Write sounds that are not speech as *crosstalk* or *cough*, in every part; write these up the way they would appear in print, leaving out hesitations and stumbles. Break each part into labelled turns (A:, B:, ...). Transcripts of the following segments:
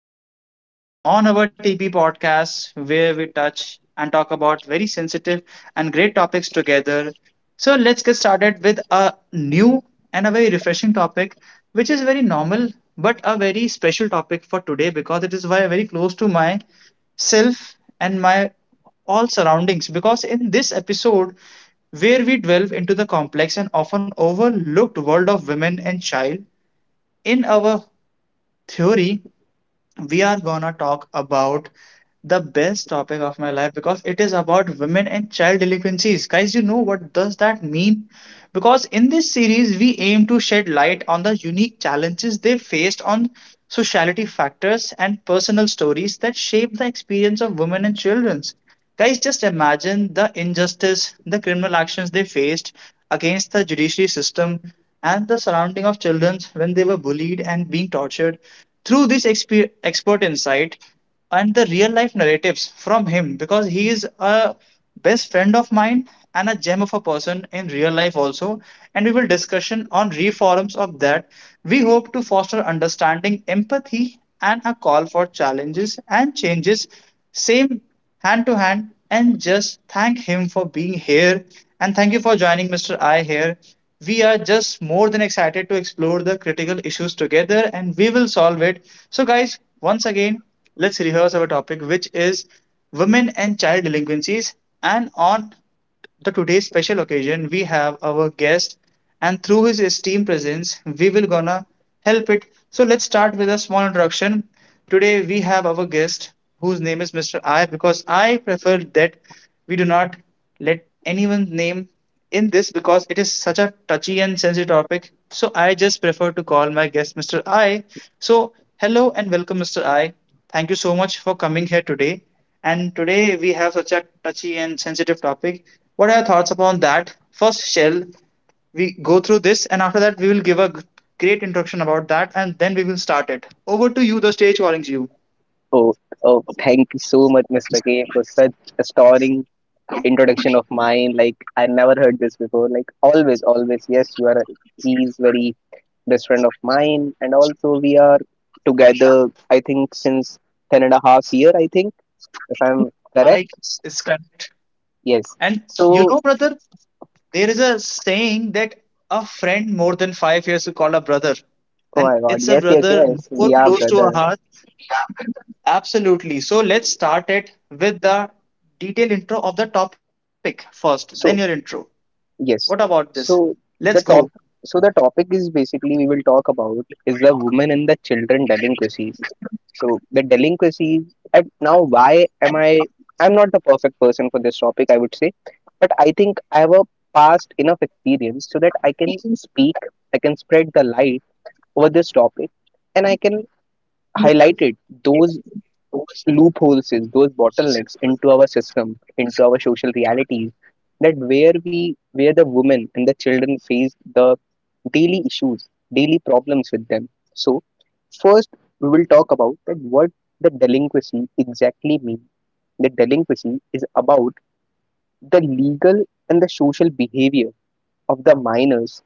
A: Today's topic on our TB podcast, where we touch and talk about very sensitive and great topics together. So, let's get started with a new and a very refreshing topic, which is very normal but a very special topic for today because it is very very close to my self and my all surroundings. Because in this episode, where we delve into the complex and often overlooked world of women and child in our theory, we are gonna talk about the best topic of my life because it is about women and child delinquencies. Guys, you know what does that mean? Because in this series, we aim to shed light on the unique challenges they faced on sociality factors and personal stories that shape the experience of women and children. Guys, just imagine the injustice, the criminal actions they faced against the judiciary system and the surrounding of children when they were bullied and being tortured. Through this expert insight and the real life narratives from him, because he is a best friend of mine and a gem of a person in real life also, and we will discussion on reforms of that. We hope to foster understanding, empathy, and a call for challenges and changes. Same hand to hand and just thank him for being here. And thank you for joining Mr. I here. We are just more than excited to explore the critical issues together and we will solve it. So, guys, once again, let's rehearse our topic, which is women and child delinquencies. And on the today's special occasion we have our guest, and through his esteemed presence we will gonna help it. So let's start with a small introduction. Today we have our guest whose name is Mr. I, because I prefer that we do not let anyone's name in this because it is such a touchy and sensitive topic. So I just prefer to call my guest Mr. I. So hello and welcome, Mr. I. Thank you so much for coming here today. And today we have such a touchy and sensitive topic. What are your thoughts upon that? First, shall we go through this, and after that we will give a great introduction about that, and then we will start it. Over to you. The stage warnings you.
B: Oh, oh, thank you so much, Mr. K, for such a stirring introduction of mine. Like I never heard this before. Like always, always, yes, you are. He's very best friend of mine, and also we are together. I think since ten and a half year, I think, if I'm
A: I
B: correct,
A: is correct.
B: yes.
A: And you
B: So,
A: know, brother, there is a saying that a friend more than 5 years is called a brother,
B: oh
A: and
B: my God,
A: it's a
B: yes, yes,
A: brother
B: yes,
A: more
B: we are
A: close to our
B: brother.
A: heart. Absolutely. So let's start it with the detailed intro of the topic first, then your intro.
B: So,
A: What about
B: yes.
A: this?
B: So
A: Let's go.
B: the top so the topic is basically we will talk about is the women and the children delinquencies. So the delinquencies, and now why am I I'm not the perfect person for this topic, I would say, but I think I have a past enough experience so that I can speak, I can spread the light over this topic, and I can highlight it those loopholes, is those bottlenecks into our system, into our social realities, that where we where the women and the children face the daily issues, daily problems with them. So first we will talk about that what the delinquency exactly means. The delinquency is about the legal and the social behavior of the minors,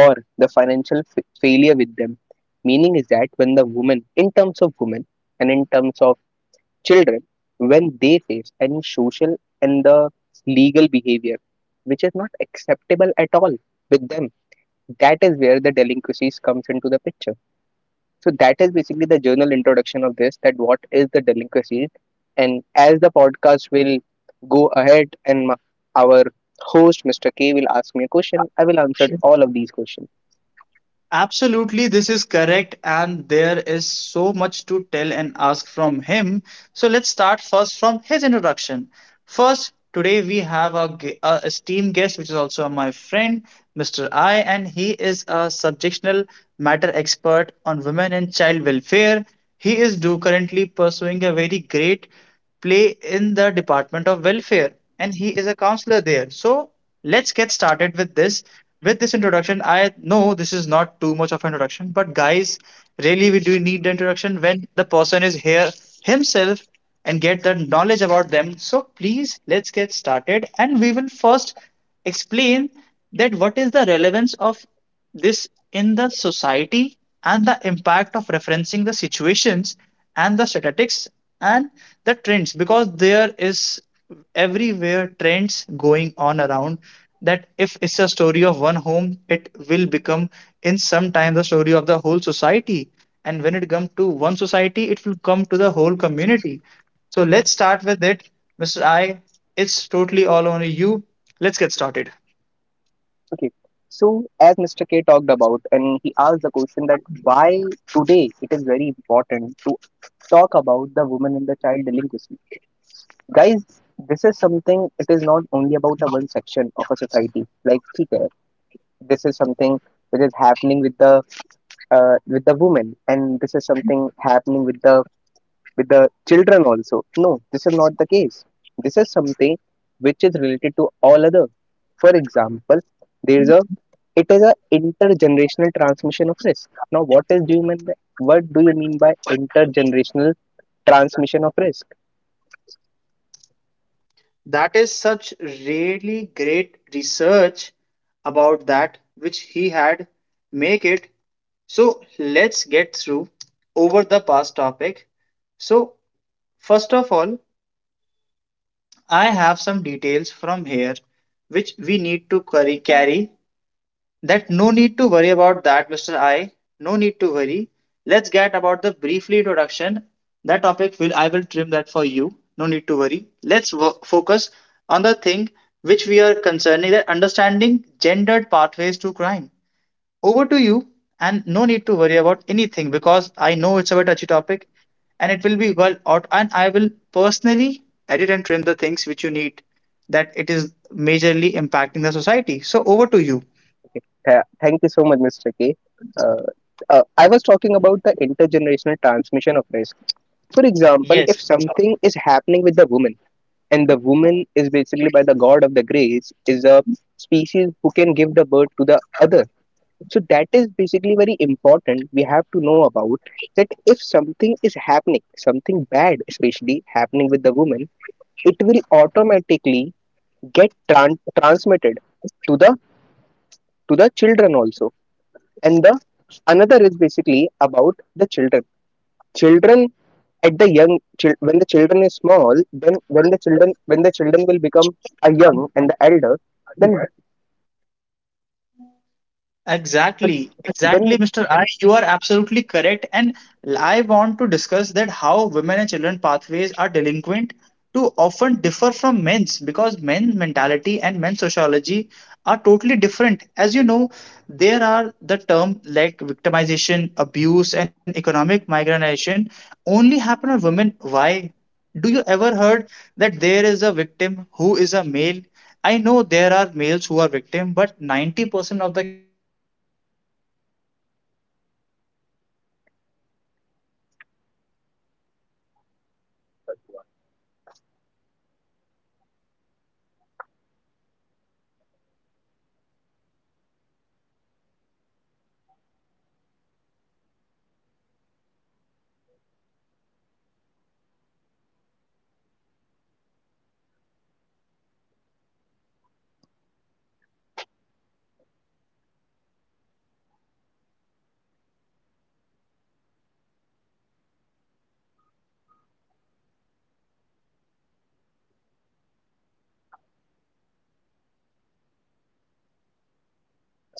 B: or the financial failure with them, meaning is that when the woman, in terms of women and in terms of children, when they face any social and the legal behavior which is not acceptable at all with them, that is where the delinquencies comes into the picture. So that is basically the journal introduction of this, that what is the delinquencies. And as the podcast will go ahead and our host Mr. K will ask me a question, I will answer all of these questions.
A: Absolutely, this is correct, and there is so much to tell and ask from him. So let's start first from his introduction. First, today we have a, a esteemed guest, which is also my friend, Mr. I, and he is a subjectional matter expert on women and child welfare. He is do currently pursuing a very great play in the Department of Welfare and he is a counselor there. So let's get started with this. With this introduction, I know this is not too much of an introduction, but guys, really we do need the introduction when the person is here himself and get the knowledge about them. So please let's get started and we will first explain that what is the relevance of this in the society and the impact of referencing the situations and the statistics and the trends, because there is everywhere trends going on around that if it's a story of one home it will become in some time the story of the whole society, and when it comes to one society it will come to the whole community. So let's start with it. Mr. I, it's totally all on you. Let's get started.
B: Okay. So as Mr. K talked about, and he asked the question that why today it is very important to talk about the woman and the child delinquency. Guys, this is something, it is not only about a one section of a society. Like ठीक है, this is something which is happening with the woman, and this is something happening with the children also. No, this is not the case. This is something which is related to all other. For example, there is a, it is a intergenerational transmission of risk. Now, what do you mean by intergenerational transmission of risk?
A: That is such really great research about that which he had make it. So let's get through over the past topic. So first of all, I have some details from here which we need to carry, that no need to worry about that, Mr. I. No need to worry. Let's get about the briefly introduction. That topic will I will trim that for you. No need to worry. Let's focus on the thing which we are concerning, that understanding gendered pathways to crime. Over to you, and no need to worry about anything because I know it's a very touchy topic and it will be well out. And I will personally edit and trim the things which you need, that it is majorly impacting the society. So over to you.
B: Thank you so much, Mr. K. Uh, I was talking about the intergenerational transmission of risk. For example, if something is happening with the woman, and the woman is basically, by the god of the grace, is a species who can give the birth to the other. So that is basically very important, we have to know about that, if something is happening, something bad especially happening with the woman, it will automatically get transmitted to the to the children also. And the another is basically about the children, children at the young, when the children is small, then when the children will become a young and the elder, then then what
A: Exactly, exactly,
B: then
A: Mr. I. You are absolutely correct. And I want to discuss that how women and children pathways are delinquent to often differ from men's, because men's mentality and men's sociology are totally different. As you know, there are the term like victimization, abuse, and economic migration only happen on women. Why? Do you ever heard that there is a victim who is a male? I know there are males who are victim, but 90% of the cases and criteria are only for women. I just don't know why and why that happens. So please help me by just getting the highlight research of yours, that showing that women's criminal behavior is frequently rooted in the past traumas or abuse they have been go through. So let's get started with it. And I have no need to worry about that because I have such a great guest like you. So, guys, I guess there is no need to worry when we have this such great amount of person out among us, and we have the authority.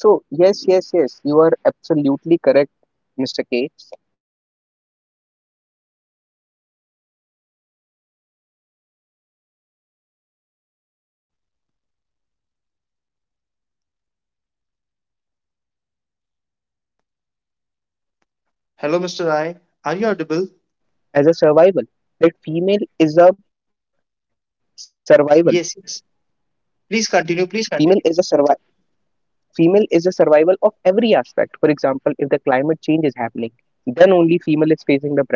B: so, yes, yes, yes, you are absolutely correct, Mr. K, that these are, these are the very concerning issues, these are the very concerning issues that we have to talk about. Like the gender pathway to delinquency, which we were talking
A: Hello,
B: about,
A: Mr. Rai.
B: that
A: Are
B: female
A: you audible?
B: delinquencies as a survival, that female is a survival.
A: Yes, yes. Please
B: female is a
A: continue. Please
B: survi-
A: continue.
B: Female is a survival of every aspect. For example, if the climate change is happening, then only female is facing the brunt.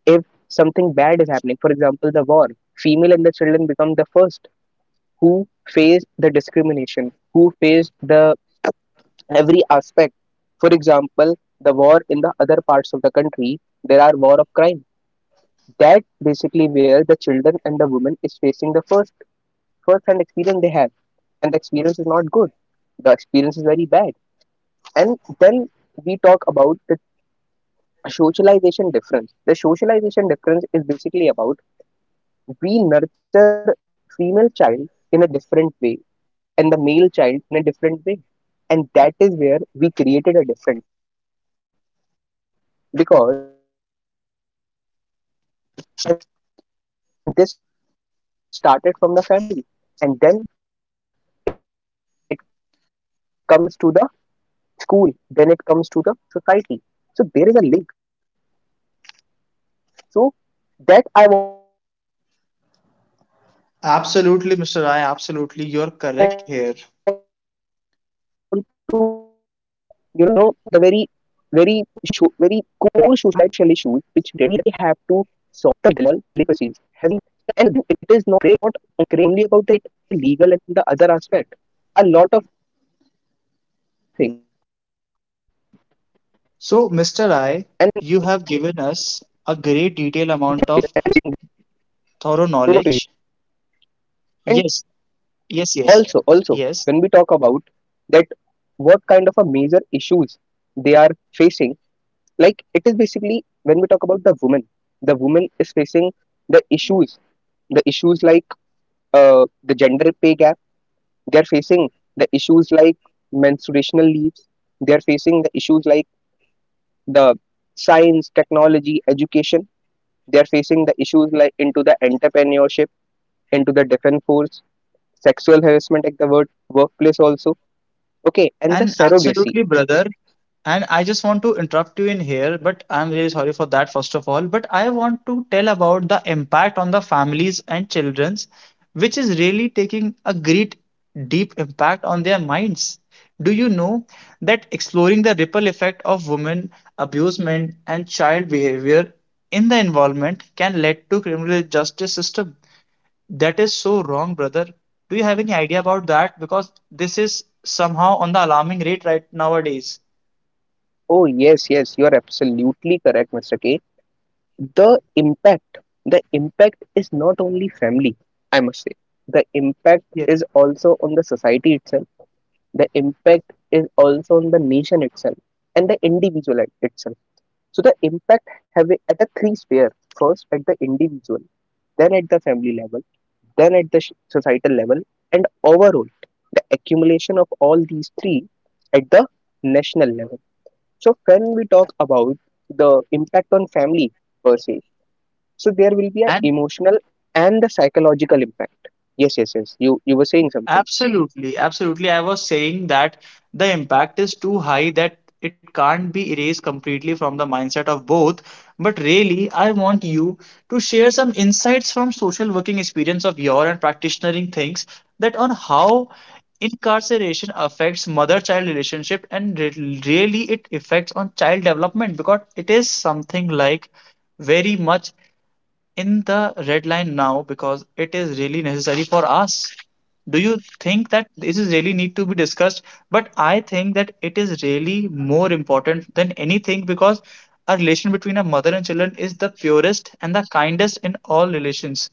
B: If something bad is happening, for example the war, female and the children become the first who face the discrimination, who face the every aspect. For example, the war in the other parts of the country, there are war of crime, that basically where the children and the women is facing the first first hand experience they have, and the experience is not good, the experience is very bad. And then we talk about the socialization difference. The socialization difference is basically about we nurture female child in a different way and the male child in a different way. And that is where we created a difference, because, and this started from the family, and then it comes to the school, then it comes to the society. So there is a link between it, that from the family to school to society. So that is where these delinquencies happen. That is where these things happen. So that I want to highlight it. I want to highlight it
A: Absolutely,
B: that
A: Mr. Rai.
B: the
A: Absolutely.
B: woman
A: You're
B: and the
A: correct here.
B: child delinquencies having a great, great, you know, the very, very, very core social issues which we have to solve. And it is not only about the legal and the other aspect. A lot of things, and every sphere we are facing this problem. Over to you, Mr. K.
A: So, Mr. Rai, you have given us a great detailed amount of thorough knowledge.
B: And
A: Yes,
B: also,
A: yes,
B: also
A: yes,
B: when we talk about
A: yes.
B: that what kind of a major issues they are facing, like it is basically when we talk about the woman, the woman is facing the issues, the issues like the gender pay gap. They are facing the issues like menstruational leaves. They are facing the issues like the science technology education. They are facing the issues like into the entrepreneurship, into the defense force, sexual harassment at the word workplace also.
A: And absolutely,
B: Okay, and
A: brother,
B: the surrogacy.
A: and I just want to interrupt you in here, but I'm really sorry for that, first of all. But I want to tell about the impact on the families and children's, which is really taking a great deep impact on their minds. Do you know that exploring the ripple effect of women abusement and child behavior in the environment can lead to criminal justice system? That is so wrong, brother. Do you have any idea about that? Because this is somehow on the alarming rate right nowadays.
B: Oh, yes, yes, you are absolutely correct, Mr. K. The impact, the impact is not only family, I must say. The impact
A: Yes.
B: is also on the society itself. The impact is also on the nation itself, and the individual itself. So the impact have it at the three sphere. First at the individual, then at the family level, then at the societal level, and overall, the accumulation of all these three at the national level. So when we talk about the impact on family per se, so there will be an
A: And
B: emotional and the psychological impact. Yes, yes, yes. You were saying something.
A: absolutely, absolutely. I was saying that the impact is too high that it can't be erased completely from the mindset of both. But really, I want you to share some insights from social working experience of your and practitionering things, that on how incarceration affects mother-child relationship and really it affects on child development, because it is something like very much in the red line now because it is really necessary for us. Do you think that this is really need to be discussed? But I think that it is really more important than anything because a relation between a mother and children is the purest and the kindest in all relations.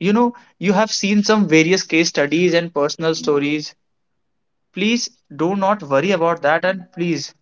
A: You know, you have seen some various case studies and personal stories. Please do not worry about that and please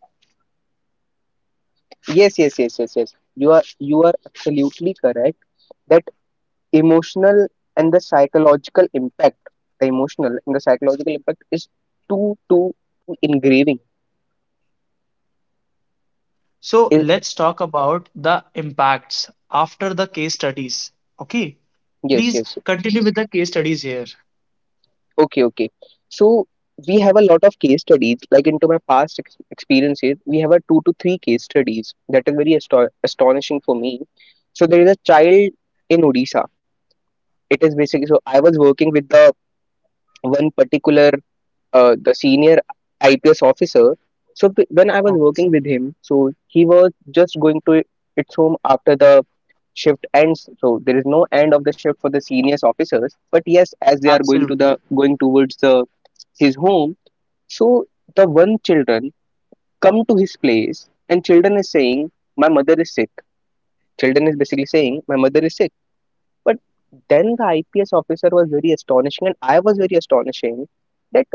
A: so
B: I-
A: let's talk about the impacts after the case studies. Okay,
B: yes,
A: please
B: yes, yes.
A: continue with the case studies here.
B: Okay, okay. So we have a lot of case studies. Like into my past ex experiences, we have a two to three case studies that are very astonishing for me. So there is a child in Odisha. It is basically, so I was working with the one particular the senior IPS officer. So when I was
A: Okay,
B: working with him, so he was just going to its home after the shift ends. So there is no end of the shift for the seniors officers. But yes, as they are going to
A: absolutely,
B: the going towards the his home, so the one children come to his place, and children is saying, "My mother is sick." Children is basically saying, "My mother is sick." But then the IPS officer was very astonishing, and I was very astonishing that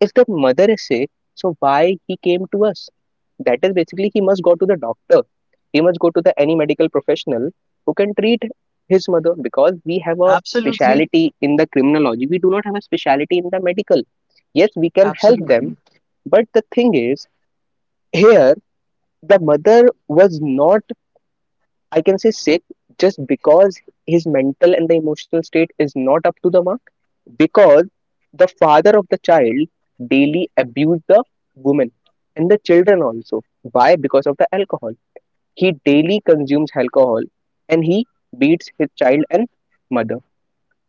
B: if the mother is sick, so why he came to us? That is basically he must go to the doctor. He must go to the any medical professional who can treat his mother, because we have a
A: absolutely,
B: speciality in the criminology. We do not have a speciality in the medical. Yes, we can help them,
A: absolutely.
B: but the thing is here the mother was not, I can say, sick, just because his mental and the emotional state is not up to the mark, because the father of the child daily abused the woman and the children also. Why? Because of the alcohol. He daily consumes alcohol, and he beats his child and mother.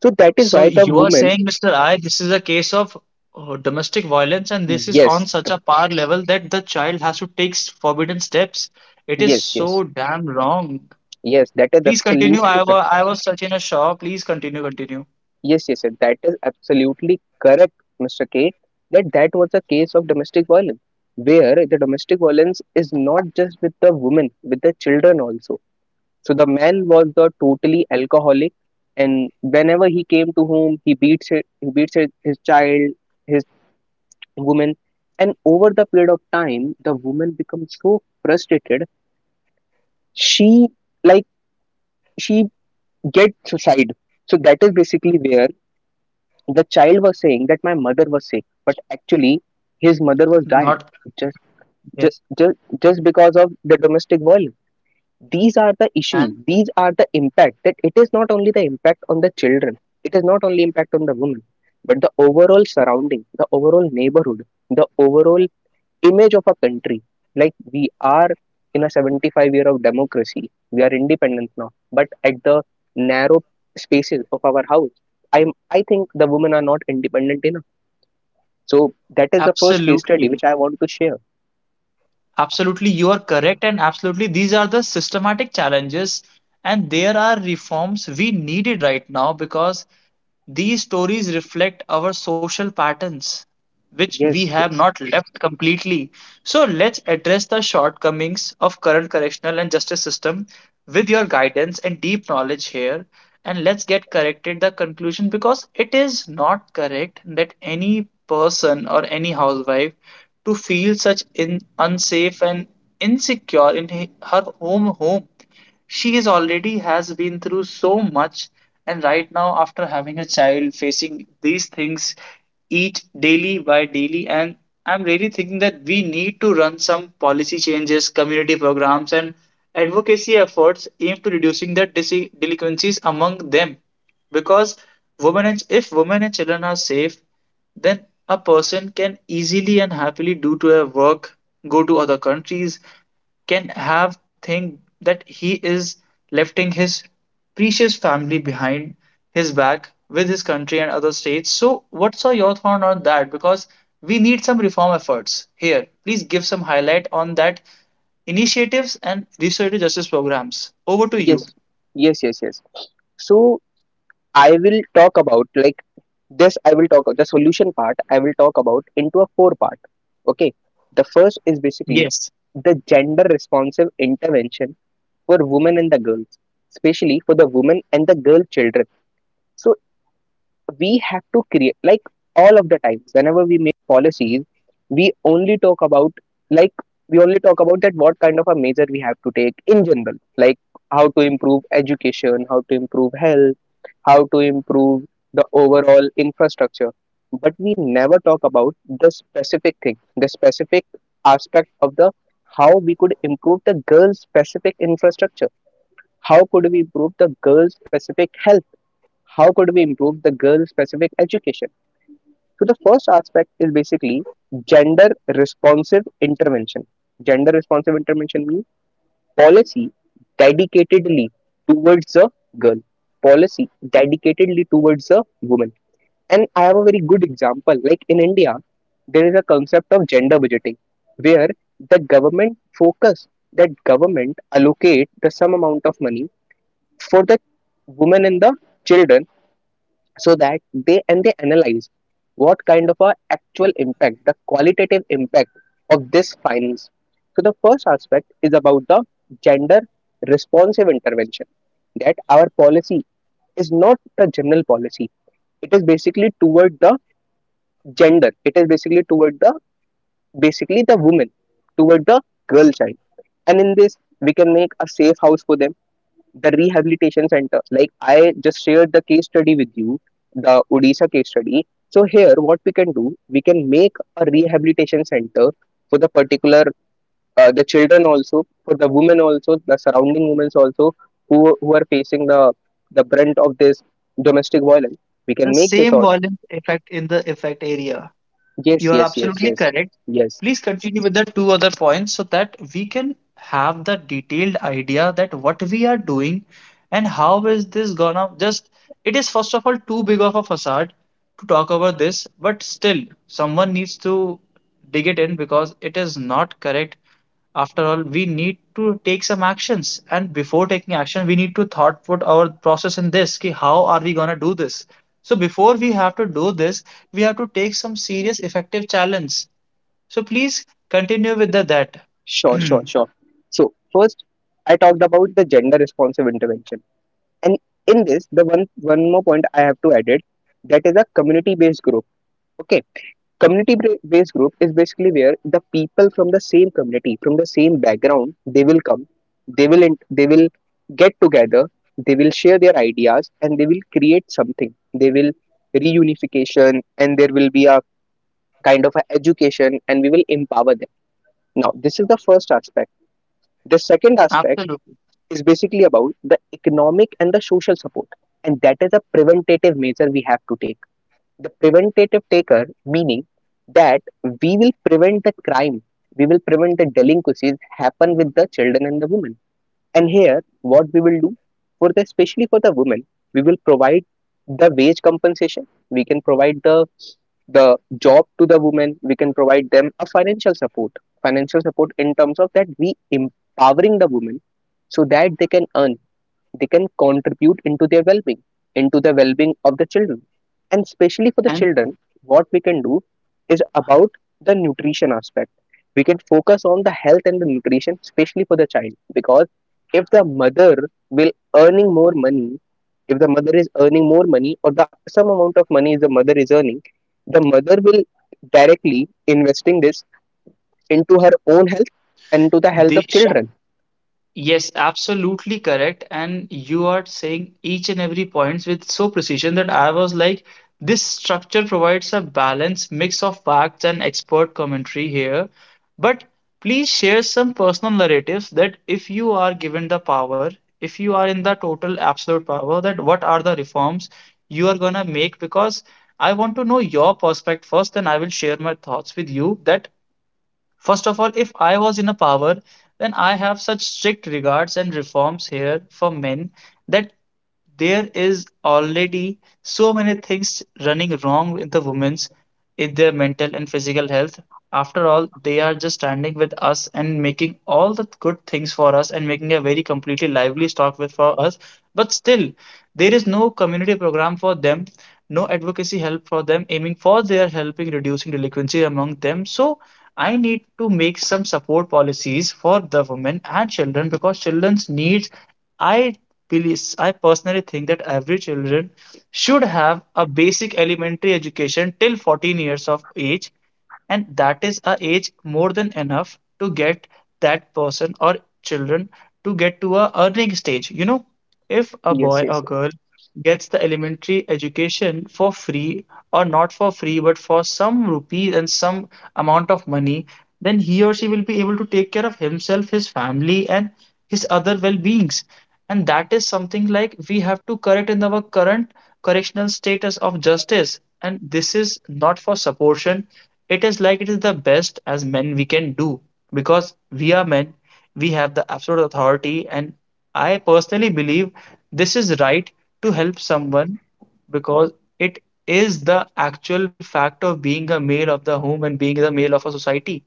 B: So that is
A: So
B: why the
A: you are
B: woman,
A: saying, Mr. I, this is a case of domestic violence, and this is on
B: yes,
A: such a power level that the child has to take forbidden steps. It is
B: yes, yes,
A: so damn wrong.
B: yes, that is
A: Please continue.
B: absolutely
A: I
B: correct.
A: was I was such in a shock. Please continue, continue.
B: Yes, yes, yes, that is absolutely correct, Mr. K. That that was a case of domestic violence, where the domestic violence is not just with the women, with the children also. So the man was the totally alcoholic, and whenever he came to home, he beats it, his child, his woman, and over the period of time, the woman becomes so frustrated. She, like she gets suicide. So that is basically where the child was saying that my mother was sick, but actually his mother was died
A: Not
B: just
A: yes,
B: just just because of the domestic violence. These are the issues,
A: and
B: these are the impact that it is not only the impact on the children, it is not only impact on the women, but the overall surrounding, the overall neighborhood, the overall image of a country. Like, we are in a 75 year of democracy, we are independent now, but at the narrow spaces of our house, i I think the women are not independent enough. So that is the first case study
A: absolutely.
B: which I want to share.
A: Absolutely, you are correct, and absolutely, these are the systematic challenges, and there are reforms we needed right now because these stories reflect our social patterns which we
B: Yes,
A: have
B: yes.
A: not left completely. So let's address the shortcomings of current correctional and justice system with your guidance and deep knowledge here, and let's get corrected the conclusion, because it is not correct that any person or any housewife to feel such in unsafe and insecure in her home. She is already has been through so much, and right now after having a child facing these things each daily by daily. And I'm really thinking that we need to run some policy changes, community programs and advocacy efforts aimed to reducing the delinquencies among them, because women and if women and children are safe, then a person can easily and happily do to a work, go to other countries, can have thing that he is lefting his precious family behind his back with his country and other states. So, what's your thought on that? Because we need some reform efforts here. Please give some highlight on that initiatives and restorative justice programs. Over to you. Yes,
B: We only talk about that what kind of a measure we have to take in general, like how to improve education, how to improve health, how to improve the overall infrastructure, but we never talk about the specific thing, the specific aspect of the how we could improve the girls specific infrastructure, how could we improve the girls specific health, how could we improve the girls specific education. So the first aspect is basically gender responsive intervention. Gender responsive intervention means policy dedicatedly towards a girl, policy dedicatedly towards a woman. And I have a very good example. Like in India, there is a concept of gender budgeting where the government focus that government allocate the some amount of money for the women and the children so that they, and they analyze what kind of a actual impact, the qualitative impact of this finance. So the first aspect is about the gender responsive intervention, that our policy is not a general policy, it is basically toward the gender, it is basically toward the basically the woman, toward the girl child. And in this we can make a safe house for them, the rehabilitation center. Like I just shared the case study with you, the Odisha case study. So here, what we can do, we can make a rehabilitation center for the particular the children also, for the women also, the surrounding women also who are facing the brunt of this domestic violence. We
A: the
B: can make this
A: same
B: all.
A: violence effect in the effect area.
B: Yes,
A: You are
B: yes, yes,
A: absolutely
B: yes,
A: correct.
B: yes.
A: Please continue with the two other points so that we can have the detailed idea that what we are doing and how is this gonna just. It is first of all too big of a facade to talk about this, but still someone needs to dig it in because it is not correct. After all, we need to take some actions, and before taking action, we need to thought put our process in this ki how are we gonna do this? So before we have to do this, we have to take some serious effective challenge, so please continue with the that.
B: Sure, sure,
A: *clears throat*
B: sure. So first, I talked about the gender responsive intervention. And in this, the one more point I have to add it, that is a community based group. Okay. Community based group is basically where the people from the same community, from the same background, they will come, they will get together, they will share their ideas and they will create something, they will reunification, and there will be a kind of a education, and we will empower them. Now this is the first aspect. The second aspect
A: Absolutely.
B: is basically about the economic and the social support. And that is a preventative measure we have to take. The preventative taker, meaning that we will prevent the crime, we will prevent the delinquencies happen with the children and the women. And here, what we will do for the, especially for the women, we will provide the wage compensation. We can provide the job to the women. We can provide them a financial support in terms of that we empowering the women so that they can earn, they can contribute into their well-being, into the well-being of the children. And especially for the
A: And
B: children, what we can do is about the nutrition aspect. We can focus on the health and the nutrition, especially for the child, because if the mother will earning more money, if the mother is earning more money, or the some amount of money the mother is earning, the mother will directly investing this into her own health and to the health
A: they
B: of children.
A: Yes, absolutely correct. And you are saying each and every points with so precision that I was like, this structure provides a balanced mix of facts and expert commentary here. But please share some personal narratives that if you are given the power, if you are in the total absolute power, that what are the reforms you are gonna make? Because I want to know your perspective first, then I will share my thoughts with you that. First of all, if I was in a power, then I have such strict regards and reforms here for men that there is already so many things running wrong with the women's in their mental and physical health. After all, they are just standing with us and making all the good things for us and making a very completely lively stock with for us. But still, there is no community program for them, no advocacy help for them, aiming for their helping reducing delinquency among them. So I need to make some support policies for the women and children because children's needs. I I personally think that every children should have a basic elementary education till 14 years of age, and that is a age more than enough to get that person or children to get to a earning stage. If a
B: Yes,
A: boy or
B: yes.
A: girl gets the elementary education for free or not for free but for some rupees and some amount of money, then he or she will be able to take care of himself, his family, and his other well beings. And that is something like we have to correct in our current correctional status of justice. And this is not for supportion, it is like it is the best as men we can do because we are men, we have the absolute authority. And I personally believe this is right to help someone because it is the actual fact of being a male of the home and being the male of a society.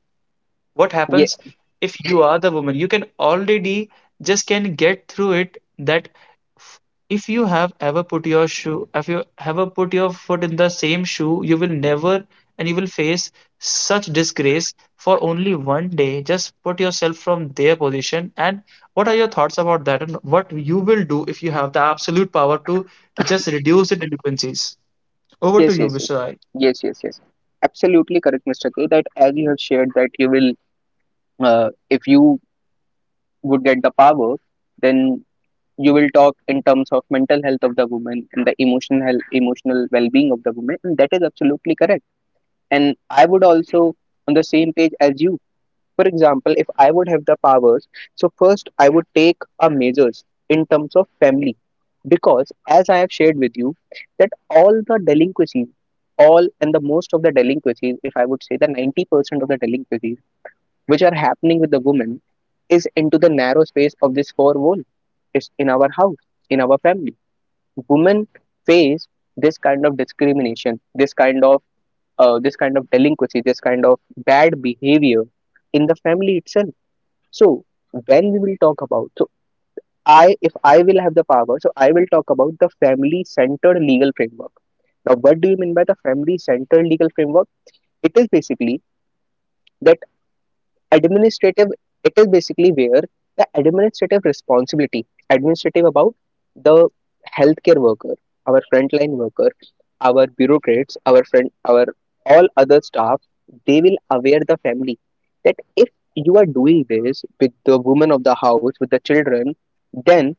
A: What
B: Yeah.
A: happens if you are the woman? You can already just can get through it that f- if you have ever put your shoe, if you ever put your foot in the same shoe, you will never and you will face such disgrace for only one day. Just put yourself from their position. And what are your thoughts about that? And what you will do if you have the absolute power to just reduce the delinquencies? Over to
B: Yes,
A: you,
B: yes, yes,
A: Mr. I.
B: yes, yes, yes. Absolutely correct, Mr. K. That as you have shared, that you will, if you would get the power, then you will talk in terms of mental health of the woman and the emotional health, emotional well-being of the woman, and that is absolutely correct. And I would also on the same page as you. For example, if I would have the powers, so first I would take a measures in terms of family, because as I have shared with you that all the delinquencies, all and the most of the delinquencies, if I would say the 90% of the delinquencies which are happening with the women, is into the narrow space of this four wall. It's in our house, in our family. Women face this kind of discrimination, this kind of delinquency, this kind of bad behavior in the family itself. So when we will talk about, so I, if I will have the power, so I will talk about the family centered legal framework. Now, what do you mean by the family centered legal framework? It is basically that administrative, it is basically where the administrative responsibility, administrative about the healthcare worker, our frontline worker, our bureaucrats, our friend, our all other staff, they will aware the family that if you are doing this with the woman of the house, with the children, then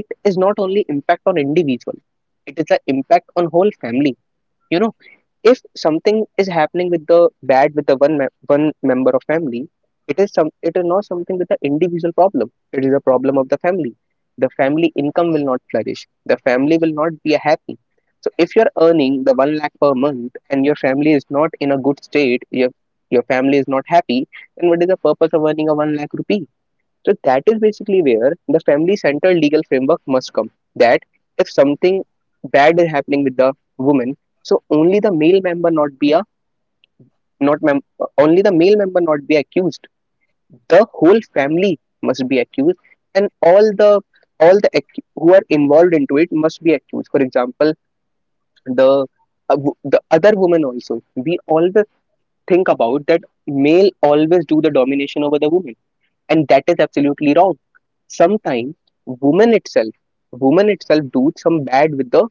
B: it is not only impact on individual, it is an impact on whole family. You know, if something is happening with the bad with the one member of family, it is some, it is not something with the individual problem, it is a problem of the family. The family income will not flourish, the family will not be happy. So if you're earning the 1 lakh per month and your family is not in a good state, your family is not happy, then what is the purpose of earning a 1 lakh rupee? So that is basically where the family-centered legal framework must come. That if something bad is happening with the woman, so only the male member not be a not mem- only the male member not be accused. The whole family must be accused, and all the who are involved into it must be accused. For example, the the other woman also. We always think about that male always do the domination over the woman, and that is absolutely wrong. Sometimes woman itself woman itself do some bad with the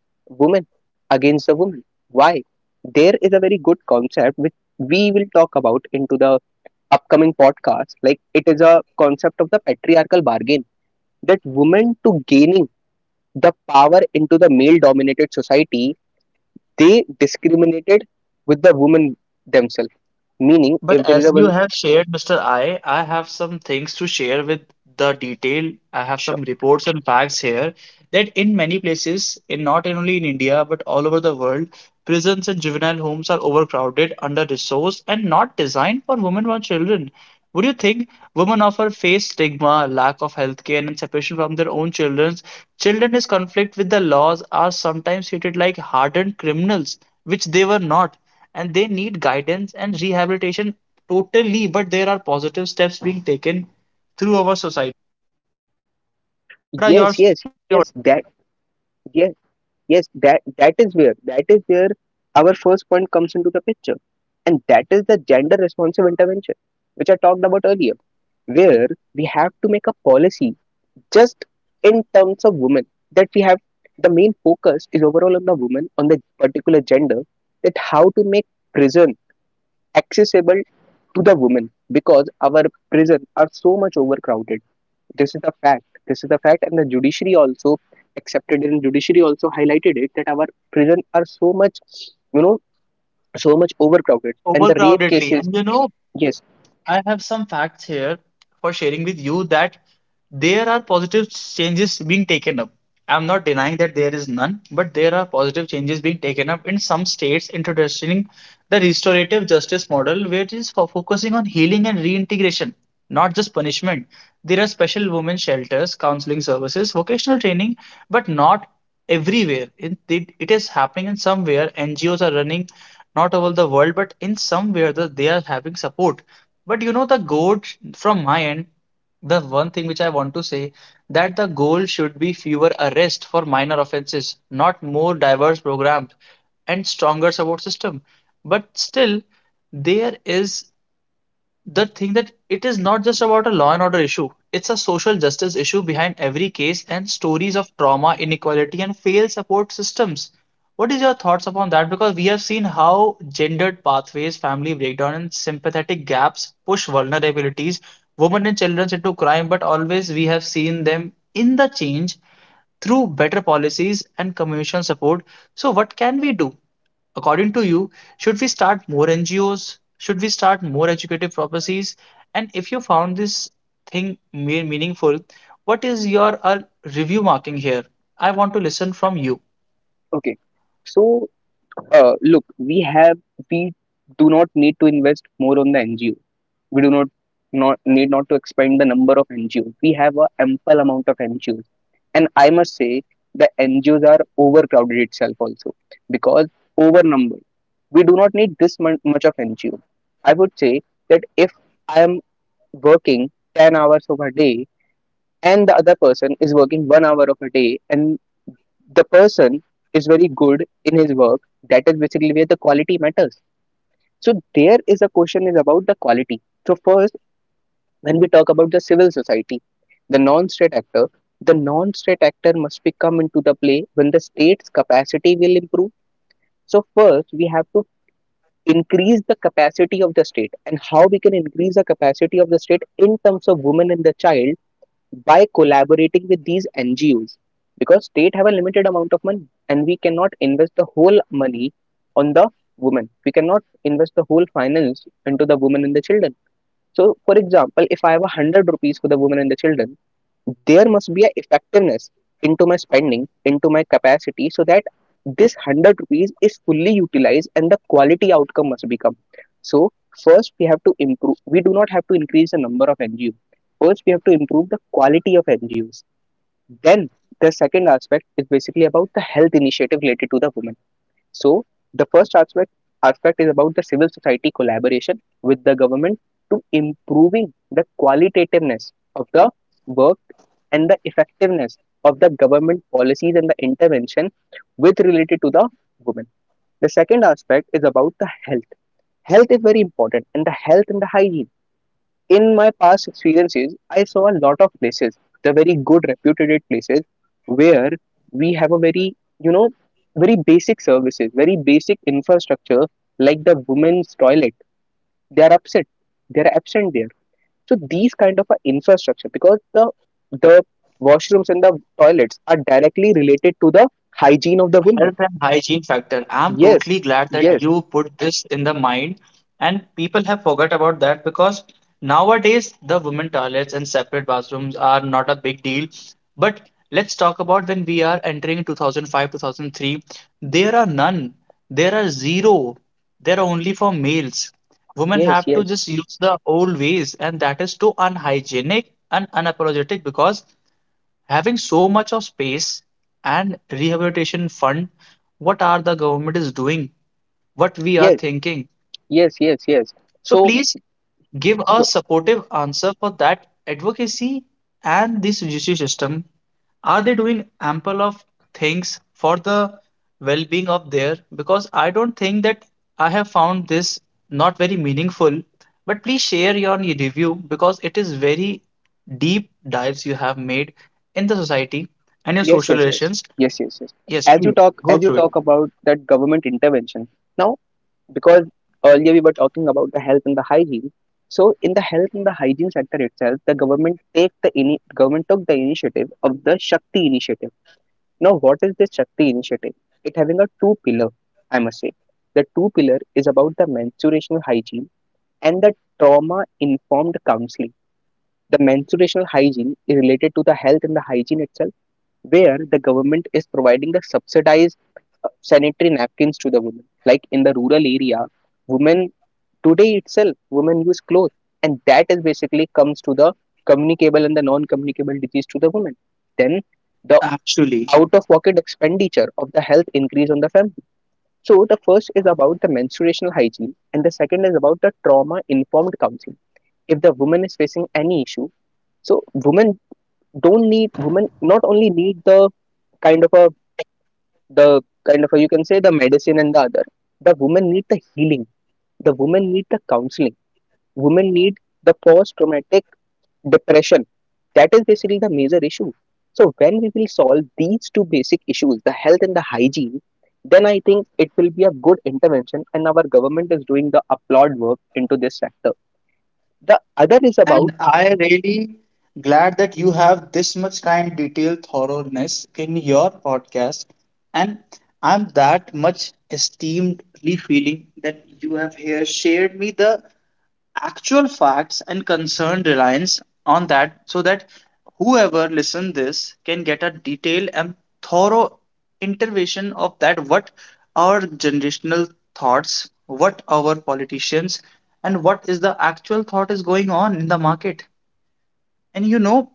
B: woman, against the woman. Why? There is a very good concept which we will talk about into the upcoming podcast. Like, it is a concept of the patriarchal bargain, that women to gaining the power into the male dominated society, they discriminated with the women themselves. Meaning,
A: But
B: if there is
A: as
B: a
A: you
B: one.
A: have shared, Mr. I have some things to share with the detail. I have
B: Sure.
A: some reports and facts here that in many places, in not only in India but all over the world, prisons and juvenile homes are overcrowded, under-resourced, and not designed for women or children. Would you think women often face stigma, lack of healthcare, and separation from their own children? Children is conflict with the laws are sometimes treated like hardened criminals, which they were not. And they need guidance and rehabilitation totally, but there are positive steps being taken through our society. What are yours?
B: Yes, yes, yes, that yes. Yes, that that is where our first point comes into the picture, and that is the gender responsive intervention, which I talked about earlier, where we have to make a policy just in that we have the main focus is overall on the woman, on the particular gender, that how to make prison accessible to the women, because our prison are so much overcrowded. This is the fact, this is the fact, and the judiciary also accepted, and judiciary also highlighted it that our prison are so much, you know, so much overcrowded, and the rape
A: Overcrowdedly,
B: cases.
A: and you know,
B: Yes.
A: I have some facts here for sharing with you that there are positive changes being taken up. I'm not denying that there is none, but there are positive changes being taken up in some states introducing the restorative justice model, which is for focusing on healing and reintegration, not just punishment. There are special women shelters, counseling services, vocational training, but not everywhere. It is happening in somewhere. NGOs are running not all the world, but in somewhere that they are having support. But you know the goat from my end, the one thing which I want to say that the goal should be fewer arrests for minor offenses, not more diverse programs and stronger support system. But still, there is the thing that it is not just about a law and order issue, it's a social justice issue behind every case and stories of trauma, inequality, and failed support systems. What is your thoughts upon that? Because we have seen how gendered pathways, family breakdown, and sympathetic gaps push vulnerabilities, women and children into crime, but always we have seen them in the change through better policies and communal support. So what can we do? According to you, should we start more NGOs? Should we start more educative purposes? And if you found this thing meaningful, what is your review marking here? I want to listen from you.
B: Okay. So Look, we have, we do not need to invest more on the NGO. We do not not need not to expand the number of NGOs. We have a ample amount of NGOs, and I must say the NGOs are overcrowded itself also, because overnumbered. We do not need this much of NGO. I would say that if I am working 10 hours of a day and the other person is working one hour of a day, and the person is very good in his work, that is basically where the quality matters. So there is a question is about the quality. So first, when we talk about the civil society, the non-state actor, the non-state actor must be come into the play when the state's capacity will improve. So first we have to increase the capacity of the state, and how we can increase the capacity of the state in terms of women and the child, by collaborating with these NGOs, because state have a limited amount of money and we cannot invest the whole money on the women. We cannot invest the whole finance into the women and the children. So, for example, if I have a hundred rupees for the women and the children, there must be a effectiveness into my spending, into my capacity, so that this 100 rupees is fully utilized and the quality outcome must become. So first we have to improve, we do not have to increase the number of NGOs, first we have to improve the quality of NGOs. Then the second aspect is basically about the health initiative related to the women. So the first aspect is about the civil society collaboration with the government, to improving the qualitativeness of the work and the effectiveness of the government policies and the intervention with related to the women. The second aspect is about the health. Health is very important, and the health and the hygiene, in my past experiences, I saw a lot of places, the very good reputed places, where we have a very, you know, very basic services, very basic infrastructure like the women's toilet. They are upset. They are absent there. So these kind of a infrastructure, because the washrooms and the toilets are directly related to the hygiene of the women.
A: Health and hygiene factor. I'm
B: Yes,
A: totally glad that
B: yes,
A: you put this in the mind, and people have forgot about that because nowadays the women toilets and separate bathrooms are not a big deal. But let's talk about when we are entering 2005, 2003. There are none. There are zero. They're only for males. Women
B: yes,
A: have to
B: yes,
A: just use the old ways, and that is too unhygienic and unapologetic because having so much of space and rehabilitation fund, what are the government is doing, what we are
B: yes,
A: thinking?
B: yes, yes, yes.
A: So please
B: So,
A: give a
B: so
A: supportive answer for that advocacy and this judiciary system. Are they doing ample of things for the well-being of their? Because I don't think that. I have found this not very meaningful. But please share your review because it is very deep dives you have made in the society and your
B: yes,
A: social
B: yes, yes,
A: relations.
B: yes, yes, yes.
A: Yes, please go
B: As you
A: through it.
B: talk about that government intervention now, because earlier we were talking about the health and the hygiene. So, in the health and the hygiene sector itself, the government take the government took the initiative of the Shakti initiative. Now, what is this Shakti initiative? It having a two pillar, I must say. The two pillar is about the menstruational hygiene and the trauma informed counseling. The menstruational hygiene is related to the health and the hygiene itself where the government is providing the subsidized sanitary napkins to the women. Like in the rural area, women today itself, women use clothes, and that is basically comes to the communicable and the non-communicable disease to the women. Then the
A: Actually,
B: out-of-pocket expenditure of the health increase on the family. So the first is about the menstruational hygiene, and the second is about the trauma-informed counseling. If the woman is facing any issue, so women not only need kind of a the kind of a, you can say, the medicine and the other, the women need the healing, the women need the counseling, women need the post traumatic depression, that is basically the major issue. So when we will solve these two basic issues, the health and the hygiene, then I think it will be a good intervention and our government is doing the applaud work into this sector. The other is about,
A: and I really glad that you have this much kind detailed thoroughness in your podcast. And I'm that much esteemedly feeling that you have here shared me the actual facts and concerned reliance on that, so that whoever listen this can get a detailed and thorough intervention of that what our generational thoughts, what our politicians, and what is the actual thought is going on in the market. And you know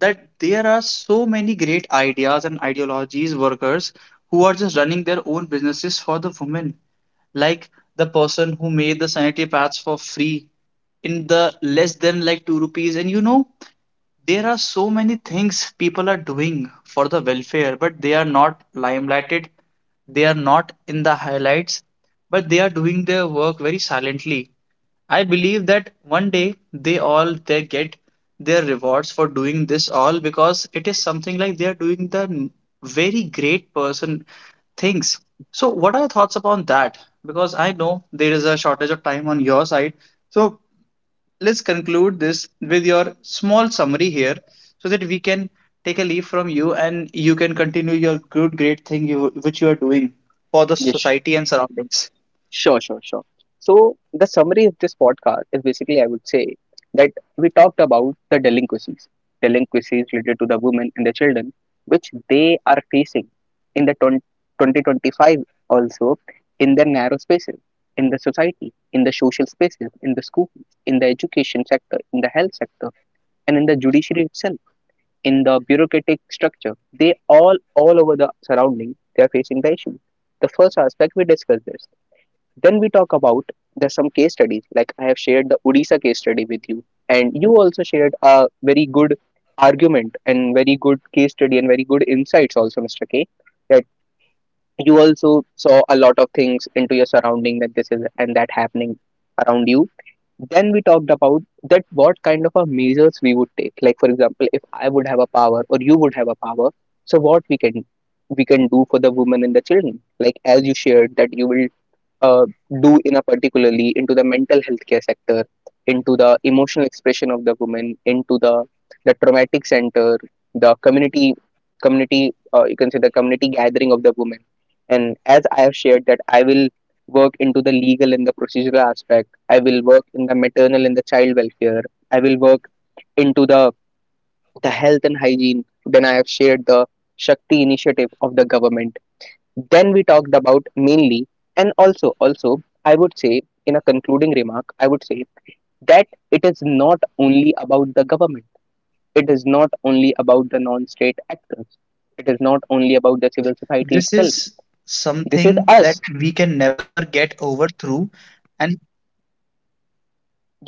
A: that there are so many great ideas and ideologies workers who are just running their own businesses for the women, like the person who made the sanitary pads for free in the less than like 2 rupees. And there are so many things people are doing for the welfare, but they are not limelighted. They are not in the highlights, but they are doing their work very silently. I believe that one day they get their rewards for doing this all because it is something like they are doing the very great person things. So what are your thoughts upon that? Because I know there is a shortage of time on your side. So let's conclude this with your small summary here so that we can take a leave from you and you can continue your good great thing you which you are doing for the
B: yes,
A: society and surroundings.
B: sure, sure. So the summary of this podcast is basically, I would say, that we talked about the delinquencies, delinquencies related to the women and the children, which they are facing in the 20, 2025 also, in their narrow spaces, in the society, in the social spaces, in the school, in the education sector, in the health sector, and in the judiciary itself, in the bureaucratic structure. They all over the surrounding, they are facing the issue. The first aspect we discussed this, then we talk about there's some case studies. Like I have shared the Odisha case study with you, and you also shared a very good argument and very good case study and very good insights also, Mr. K. That you also saw a lot of things into your surrounding, that this is and that happening around you. Then we talked about that what kind of a measures we would take. Like, for example, if I would have a power or you would have a power, so what we can do for the women and the children. Like as you shared that you will uh, do in a particularly into the mental health care sector, into the emotional expression of the woman, into the traumatic center, the community, you can say the community gathering of the woman. And as I have shared that I will work into the legal and the procedural aspect, I will work in the maternal and the child welfare, I will work into the health and hygiene, then I have shared the Shakti initiative of the government. Then we talked about mainly, and also I would say, in a concluding remark I would say that it is not only about the government, it is not only about the non-state actors, it is not only about the civil society
A: This
B: itself,
A: is
B: this is
A: something that
B: us.
A: we can never get over through. And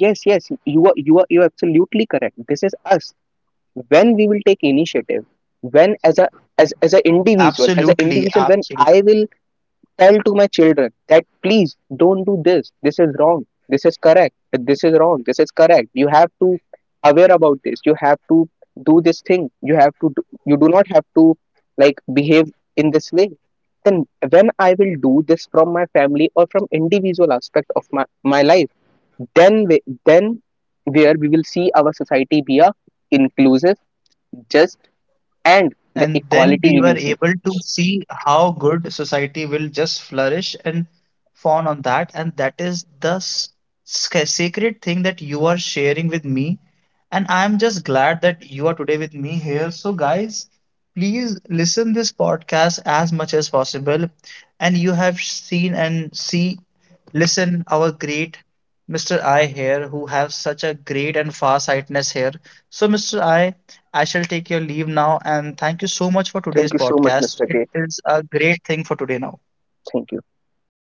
B: Yes, yes, you are absolutely correct, this is us. When we will take initiative, when as a,
A: absolutely,
B: as an
A: absolutely.
B: individual, as an individual, when I will tell to my children that please don't do this, this is wrong, this is correct, this is wrong, this is correct, you have to aware about this, you have to do this thing, you have to do, you do not have to like behave in this way. Then when I will do this from my family or from individual aspect of my life, then then where we will see our society be a inclusive, just, and the
A: And then
B: equality
A: we
B: we
A: were
B: will see.
A: able to see how good society will just flourish and fawn on that, and that is the sacred thing that you are sharing with me. And I'm just glad that you are today with me here. So guys, please listen this podcast as much as possible. And you have seen and see listen our great Mr. I here who have such a great and far sightness here. So Mr. I shall take your leave now, and thank you so much for
B: Thank
A: today's
B: you so much,
A: podcast.
B: Mr.
A: It
B: K,
A: is a great thing for today now.
B: thank you.